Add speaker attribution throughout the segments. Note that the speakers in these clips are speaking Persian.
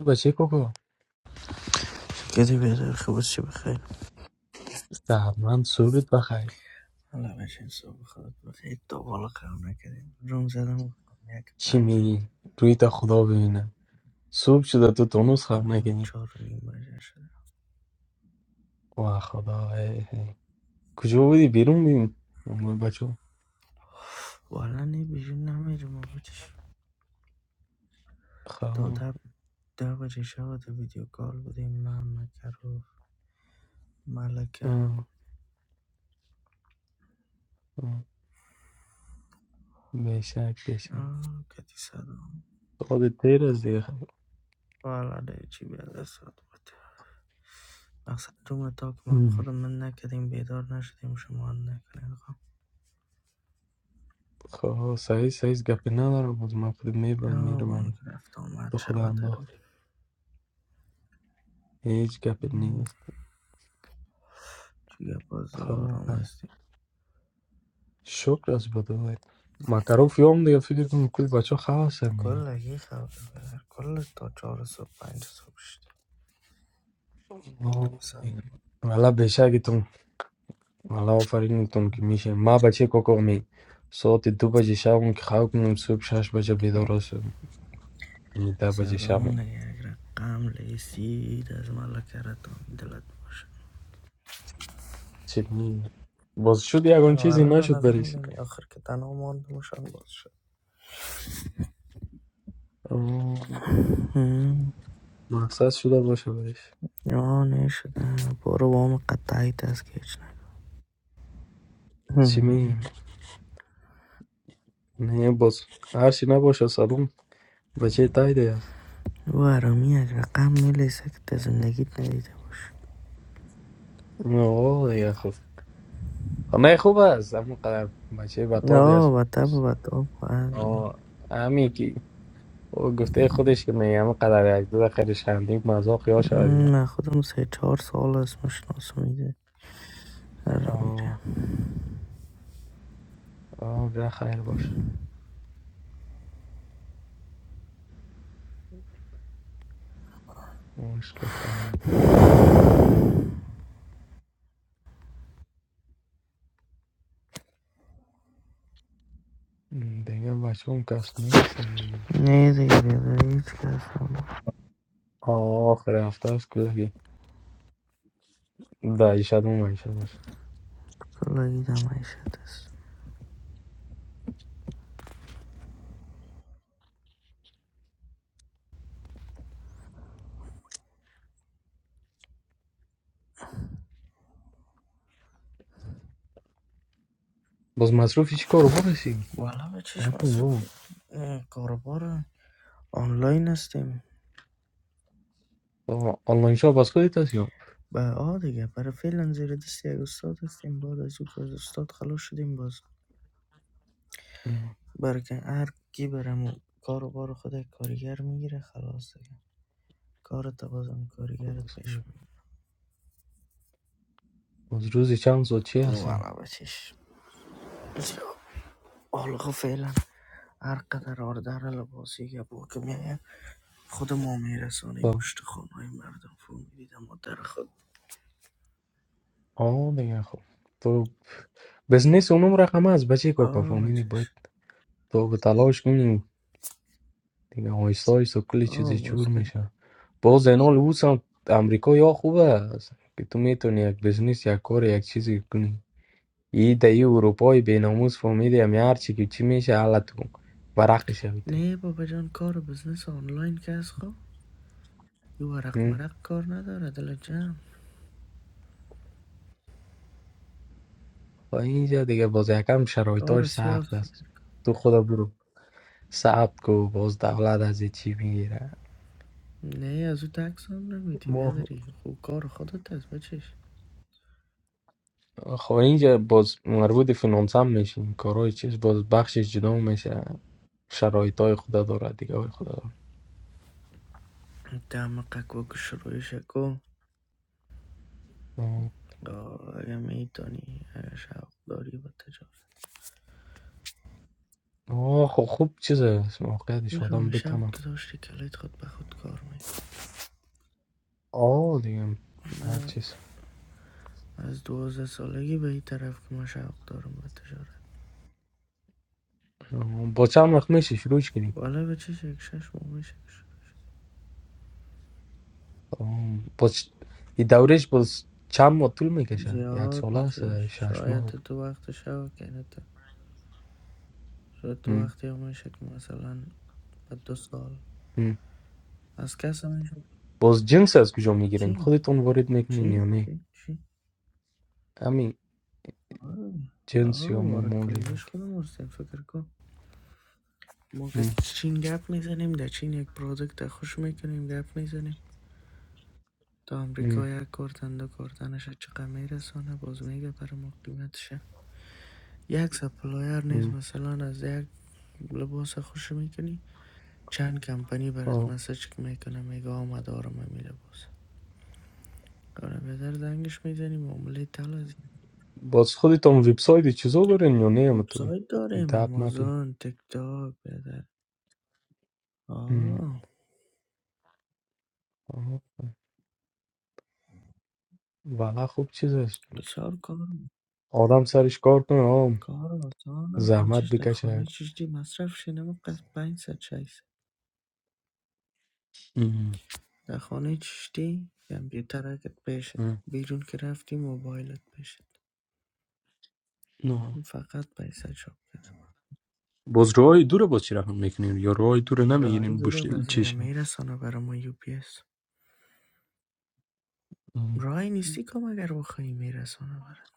Speaker 1: بچه کوکو
Speaker 2: کدی بهتر خب چه بخیر
Speaker 1: من صبحت بخیر
Speaker 2: حالا بشین صبح خودت بخیر تا بالا قرار نکردیم روم زدم یک
Speaker 1: چی
Speaker 2: بعد
Speaker 1: میگی روی تا خدا ببینم صبح شده تو تونوس خراب
Speaker 2: آه،
Speaker 1: نکنی
Speaker 2: چهار و نیم بجه شده
Speaker 1: و خدا ای ای. کجا بودی بیرون بیم بچه
Speaker 2: والا نه بیرون نمیرم بودش
Speaker 1: خب
Speaker 2: تا
Speaker 1: آه،
Speaker 2: ده ده بجه شب تو ویدیو کال بودیم من مکرو ملکه
Speaker 1: آه. بشک بشک
Speaker 2: آه، کتی سلام
Speaker 1: خود تیر از دیگه
Speaker 2: والا دیگه چی بیاد ساعت بود مقصد روم تا که ما
Speaker 1: ام.
Speaker 2: خودم من نکردیم بیدار نشدیم شما هم نکنین خب
Speaker 1: خب سعی سعی گپی ندارم بود من خود میبرم
Speaker 2: یا
Speaker 1: میرم
Speaker 2: با اون
Speaker 1: اگه
Speaker 2: که رفت
Speaker 1: تو
Speaker 2: آمد
Speaker 1: خدا
Speaker 2: شب دارم
Speaker 1: انداختی هیچ گپی نیست
Speaker 2: توی
Speaker 1: خب
Speaker 2: بازگارم
Speaker 1: خیر.
Speaker 2: هستی
Speaker 1: شکر از بدوت مکرو فیوم دیگه فکر کنم کل بچه خواه هستم
Speaker 2: کلا یه خبر بدر کل تا چهار صبح پنج صبح شد
Speaker 1: آمین.
Speaker 2: سلام
Speaker 1: والا بیشک تون والا آفرین تون که میشه ما بچه کوکومی ساعت دو بجه شب که خواب کنم صبح شش بجه بیدار هستم یعنی ده بجه شب
Speaker 2: سلام
Speaker 1: هم
Speaker 2: نگرم قمل سید از ملکرتان دلت باشه
Speaker 1: چی- باز شد یکان چیزی
Speaker 2: والا به
Speaker 1: نشد
Speaker 2: نظرم
Speaker 1: برش
Speaker 2: نمی آخر که تنها مانده مشان باز شد
Speaker 1: آه، مقصد شده باشه برش
Speaker 2: یا نشده برو وام قطعی از که هیچ نه
Speaker 1: چی
Speaker 2: هم.
Speaker 1: می نه باز هرچی نباشه سلام بچه تایده است
Speaker 2: او آرامی از قم میلیسه که تا زندگیت ندیده باشه
Speaker 1: آه دیگه خوب خب، نه خوب است اما قدر بچه بطابی
Speaker 2: آه
Speaker 1: است
Speaker 2: و تب و
Speaker 1: آه همین او گفته خودش که میگم قدر یک دو خیلی شندیم مزا خیال شده دیگه
Speaker 2: من خودم سه چهار سال از مشناسم ایده را میره
Speaker 1: آه آه ده خیر باشه مشکل خانم دیگه بچه هم کس نیستن دیگه
Speaker 2: نه دیگه بیاده هیچ کس هم
Speaker 1: آه آخر هفته است کلاگی دایی شد مومن شد باشه
Speaker 2: کلاگید هم عیشت است
Speaker 1: باز مصروفی چی کار برسی؟
Speaker 2: والا به
Speaker 1: آه،
Speaker 2: چشم مصرف
Speaker 1: اوه.
Speaker 2: کاروبار آنلاین هستیم
Speaker 1: آه، آنلاین شاپ از خودت هست یا
Speaker 2: به آ دیگه برای فعلا زیر دستی یک استاد هستیم بعد از او که از استاد خلاص شدیم باز
Speaker 1: ام،
Speaker 2: برای که هر کی برم کاروبار خود یک کارگر میگیره خلاص دیگه کارت بازم
Speaker 1: خب
Speaker 2: کارگرت
Speaker 1: بس
Speaker 2: پیش
Speaker 1: دیگه.
Speaker 2: میگیره
Speaker 1: از روزی چند ساعت چی هستیم
Speaker 2: والا به چشم بسیار حالا فعلا هر قدر آردر لباسی یبو که میگن خود مومی رسانیم
Speaker 1: تو
Speaker 2: پشت خانهای مردم فرو میریدم و در خود
Speaker 1: آه دیگه خب تو بزنس اونم رقم از بچه کاکا
Speaker 2: آه
Speaker 1: فهمیدی باید
Speaker 2: بچش
Speaker 1: تو به تلاش کنیم دیگه آیستا آیستا کلی چیزی
Speaker 2: آه باز
Speaker 1: جور
Speaker 2: کرد
Speaker 1: میشه باز اینال اوس هم امریکا یا خوبه است که تو میتونی یک بزنس یک کار یک چیزی کنی ای دایی اروپای بیناموس فهمیدی همی هرچی که چی میشه حالا تو ورق شویده
Speaker 2: نه بابا جان کار و بزنس آنلاین که از خواب یه ورق مرق کار نداره دل جمع
Speaker 1: و اینجا دیگه باز یکم
Speaker 2: کار و
Speaker 1: شرایطاش سخت است
Speaker 2: فکر کن
Speaker 1: تو خدا برو ثبت کو باز دولت از چی میگیره
Speaker 2: نه از او تکس هم نمیتی
Speaker 1: ما
Speaker 2: بیادری خوب کار خودت از بچش
Speaker 1: خب اینجا باز مربوط فینانس هم میشیم کارهای چیز باز بخشش جدا میشه شرایط های خدا داره دیگه های خدا
Speaker 2: دم قکو که شروع شکو
Speaker 1: داره
Speaker 2: آه، اگه میتونی اگه شوق داری با تجارت
Speaker 1: آه خب خوب چیزه موقعیتش آدم
Speaker 2: میفهمی شوق
Speaker 1: بتونم
Speaker 2: داشتی کلیت خود به خود کار می
Speaker 1: آه دیگه هر چیز
Speaker 2: از دوازده سالگی به این طرف که من شوق دارم به تجارت
Speaker 1: آه، با چند وقت میشه شروع کنیم
Speaker 2: بالا به چه شک شش شکش
Speaker 1: آه، با چ- این دورش باز چند ماه طول میکشه یک
Speaker 2: زیاد
Speaker 1: ساله است
Speaker 2: مچش
Speaker 1: شش
Speaker 2: شاید
Speaker 1: ماه
Speaker 2: تو وقت شوق کنه شاید تو
Speaker 1: ام،
Speaker 2: وقتی هم میشه که مثلا به دو سال
Speaker 1: ام.
Speaker 2: از کس هم میشه
Speaker 1: باز جنس از کجا میگیرین
Speaker 2: چی؟
Speaker 1: خودتون وارد میکنین یا
Speaker 2: چی؟
Speaker 1: نه
Speaker 2: چی؟ چی؟
Speaker 1: همین
Speaker 2: آره
Speaker 1: جنس
Speaker 2: آه
Speaker 1: یا
Speaker 2: وارد
Speaker 1: مومولی
Speaker 2: کنندش
Speaker 1: دارک
Speaker 2: خودم هستیم فکر کن ما که
Speaker 1: مم.
Speaker 2: چین گپ میزنیم در چین یک پرودکت خوش میکنیم گپ میزنیم تا امریکا
Speaker 1: مم.
Speaker 2: یک کارتن دو کارتنش چقدر میرسانه باز میگه برای ما قیمتشه یک سپلایار نیست
Speaker 1: مم.
Speaker 2: مثلا از یک لباس خوش میکنی چند کمپانی برات
Speaker 1: آه.
Speaker 2: مسج میکنه میگه آمد آرام می لباس آره بدر دنگش میزنی معامله تلازی
Speaker 1: باز خودتون وبسایت چیزا دارین یا نه همتون
Speaker 2: وبسایت داریم
Speaker 1: دب مپی
Speaker 2: آمازون تک تاک بدر
Speaker 1: ام.
Speaker 2: آه
Speaker 1: آه، والا خوب چیزه
Speaker 2: بسیار کار
Speaker 1: آدم سرش کار کنه آم.
Speaker 2: کار آسان است
Speaker 1: زحمت
Speaker 2: بچش در خانه
Speaker 1: بکشه
Speaker 2: چشتی مصرف شینم قصد پنج ست شیست در خانه چشتی کمپیوترکت پیشت بیرون که رفتی موبایلت پیشت
Speaker 1: نه
Speaker 2: فقط پیسه چاپ کردم
Speaker 1: باز روهای دور باز چی رقم میکنین یا روهای دور
Speaker 2: راه
Speaker 1: نمیگیرین
Speaker 2: زور
Speaker 1: بشتل
Speaker 2: بازرگان
Speaker 1: چیشه؟
Speaker 2: میرسانه برا ما یو پی اس راهی نیستی کام اگر بخوایی میرسانه برات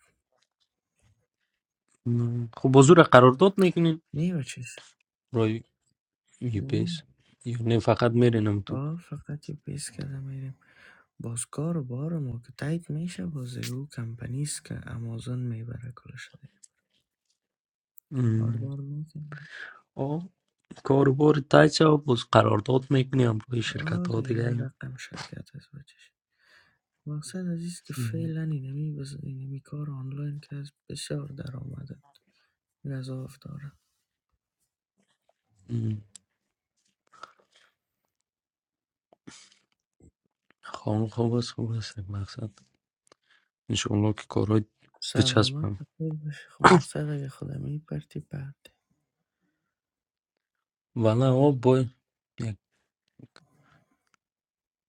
Speaker 1: نه. خب باز رو قرارداد میکنین
Speaker 2: نیو چیز
Speaker 1: روی یه
Speaker 2: نی.
Speaker 1: پیس یا نه فقط میرینم تو
Speaker 2: آه فقط یو پی اس کردم میریم بازکار و بار ما که تایید میشه بازرگو کمپنی است که امازون میبره کلش دیگه کار
Speaker 1: ام.
Speaker 2: دار میکنه
Speaker 1: آه. کاروبار تایچه باز قرارداد میکنیم روی شرکت
Speaker 2: آه
Speaker 1: ها
Speaker 2: دیگه هر
Speaker 1: دیگه هم.
Speaker 2: رقم شرکت از بچش مقصد از ایست که
Speaker 1: ام.
Speaker 2: فعلا اینمی, بز... اینمی کار آنلاین که از بسیار در آمده غذا داره
Speaker 1: خانم خوب است خوب است مقصد انشاءالله که کارهای
Speaker 2: سلامت
Speaker 1: بچسبم
Speaker 2: بخیر باشی خب مقصد اگه خودمی پرتی پرتی
Speaker 1: ولی ها بای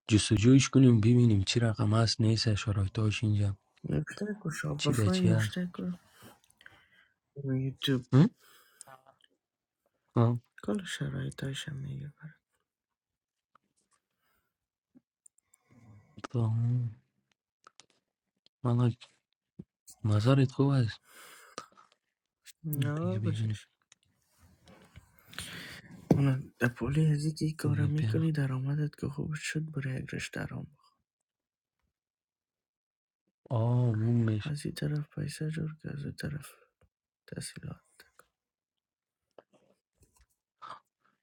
Speaker 1: جستجوش کنیم ببینیم چی رقم هست نیست شرایطاش اینجا
Speaker 2: نوشته کو
Speaker 1: چی در
Speaker 2: شابرفای
Speaker 1: چی هست
Speaker 2: نوشته کو یوتیوب
Speaker 1: هم؟ آه،
Speaker 2: کل شرایطش هم میگه
Speaker 1: تو هم. والا نظرت خوب است
Speaker 2: برات
Speaker 1: دیگه
Speaker 2: آه
Speaker 1: ببینیم
Speaker 2: بچش اون پولی از که کار
Speaker 1: دیگه بیا
Speaker 2: میکنی درآمدت که خوب شد برای یک رشته آرام
Speaker 1: آه اون میشه
Speaker 2: از این طرف پیسه جور که از این طرف تحصیلات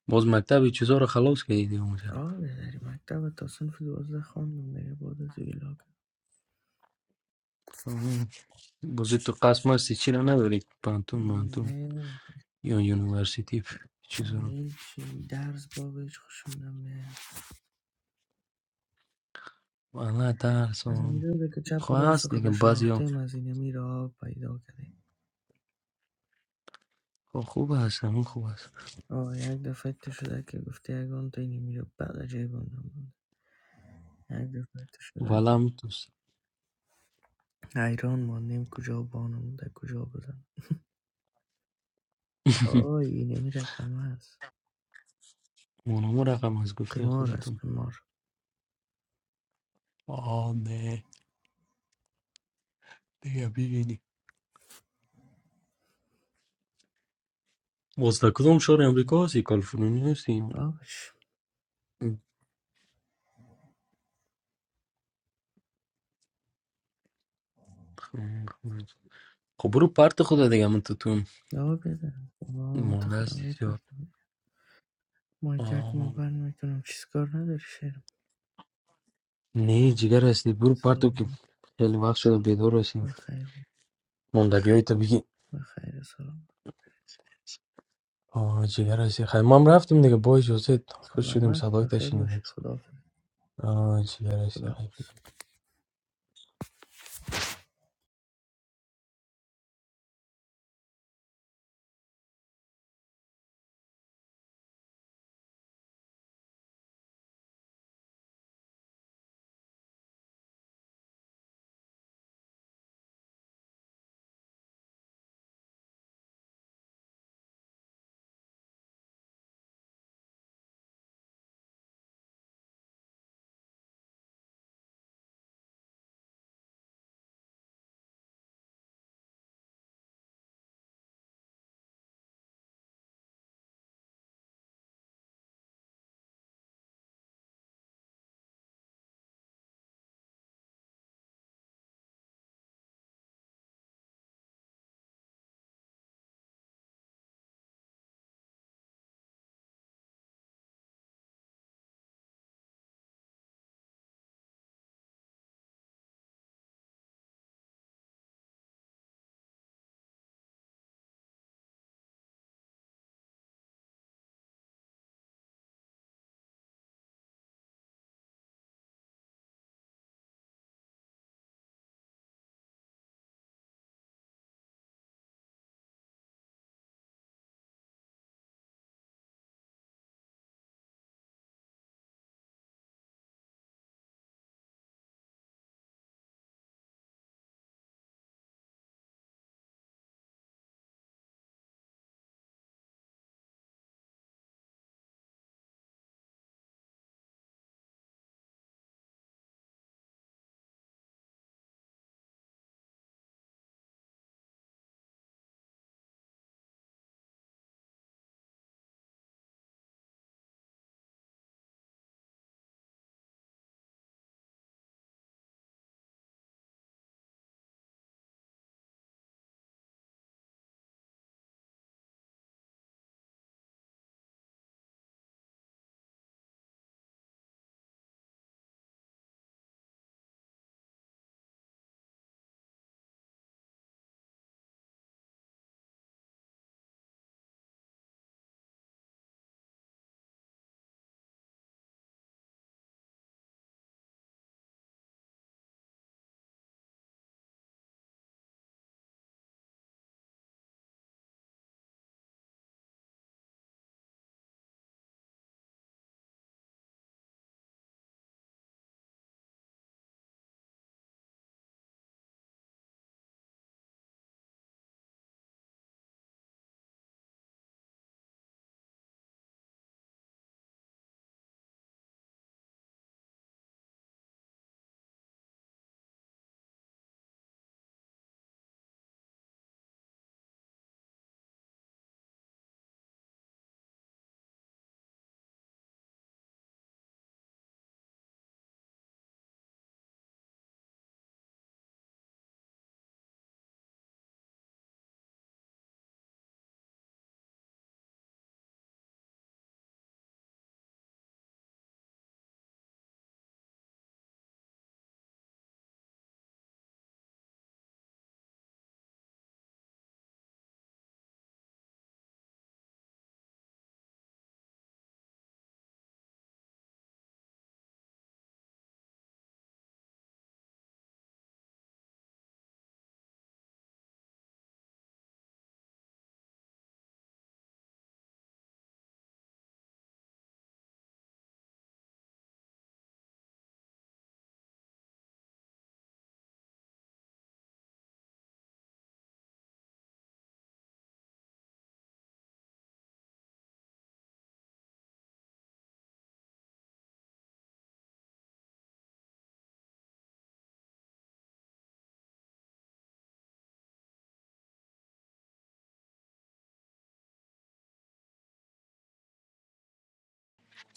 Speaker 1: باز مکتب چیزا رو خلاص کردی اونجا
Speaker 2: آه بذاری مکتب تا صنف دوازده خواندم دیگه بعد از ویلاگ
Speaker 1: آه، باز تو قسم هستی چی رو نداری پانتون مانتون
Speaker 2: نه
Speaker 1: یا یونیورسیتی چیزا رو
Speaker 2: همین چی درس بابش خوشم نمیاد
Speaker 1: والا درس
Speaker 2: از
Speaker 1: آه.
Speaker 2: اینجا که چپ و
Speaker 1: خوب
Speaker 2: راست
Speaker 1: هست دیگه
Speaker 2: خود
Speaker 1: بعضی
Speaker 2: شناخته
Speaker 1: ها
Speaker 2: از این را پیدا کردیم
Speaker 1: خب، خوب هست همون خوب هست
Speaker 2: آه یک دفعه تو شده که گفتی اگران تو اینی میره بعد جای بانده مونده یک دفعه تو شده
Speaker 1: والا
Speaker 2: که
Speaker 1: هم دوست
Speaker 2: حیران ماندیم کجا بانه مونده کجا بزن آه اینی میره قمه هست
Speaker 1: اونمو رقم از گفته
Speaker 2: قمار است
Speaker 1: خودتون
Speaker 2: قمار
Speaker 1: آه دیگه are beginning. واسه کدوم شهر امریکا هستی کالیفرنیا هستی
Speaker 2: آبش
Speaker 1: خب برو پرت خدا دیگه من تو تو
Speaker 2: آه بزن آه
Speaker 1: مونده
Speaker 2: متخدم
Speaker 1: هستی
Speaker 2: های
Speaker 1: زیاد
Speaker 2: پرتم مای کرد که ما
Speaker 1: آه.
Speaker 2: بر میکنم چیز کار نداری شیرم
Speaker 1: نه جگر هستی برو پرتو که
Speaker 2: سلام
Speaker 1: خیلی وقت شده بیدار هستیم
Speaker 2: بخیر بود
Speaker 1: ماندگی های تو بگی
Speaker 2: بخیر سلام
Speaker 1: آه جگر هستی خیلی ما هم رفتیم دیگه با اجازت خوش شدیم
Speaker 2: سلامت
Speaker 1: صدای
Speaker 2: بخیر باشی
Speaker 1: تشینیم
Speaker 2: خداحافظ
Speaker 1: آه جگر هستی
Speaker 2: خداحافظ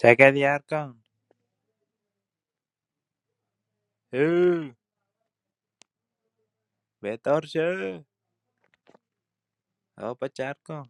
Speaker 3: Chakal yarqon! Huv! Betorchi! Opa, charqon!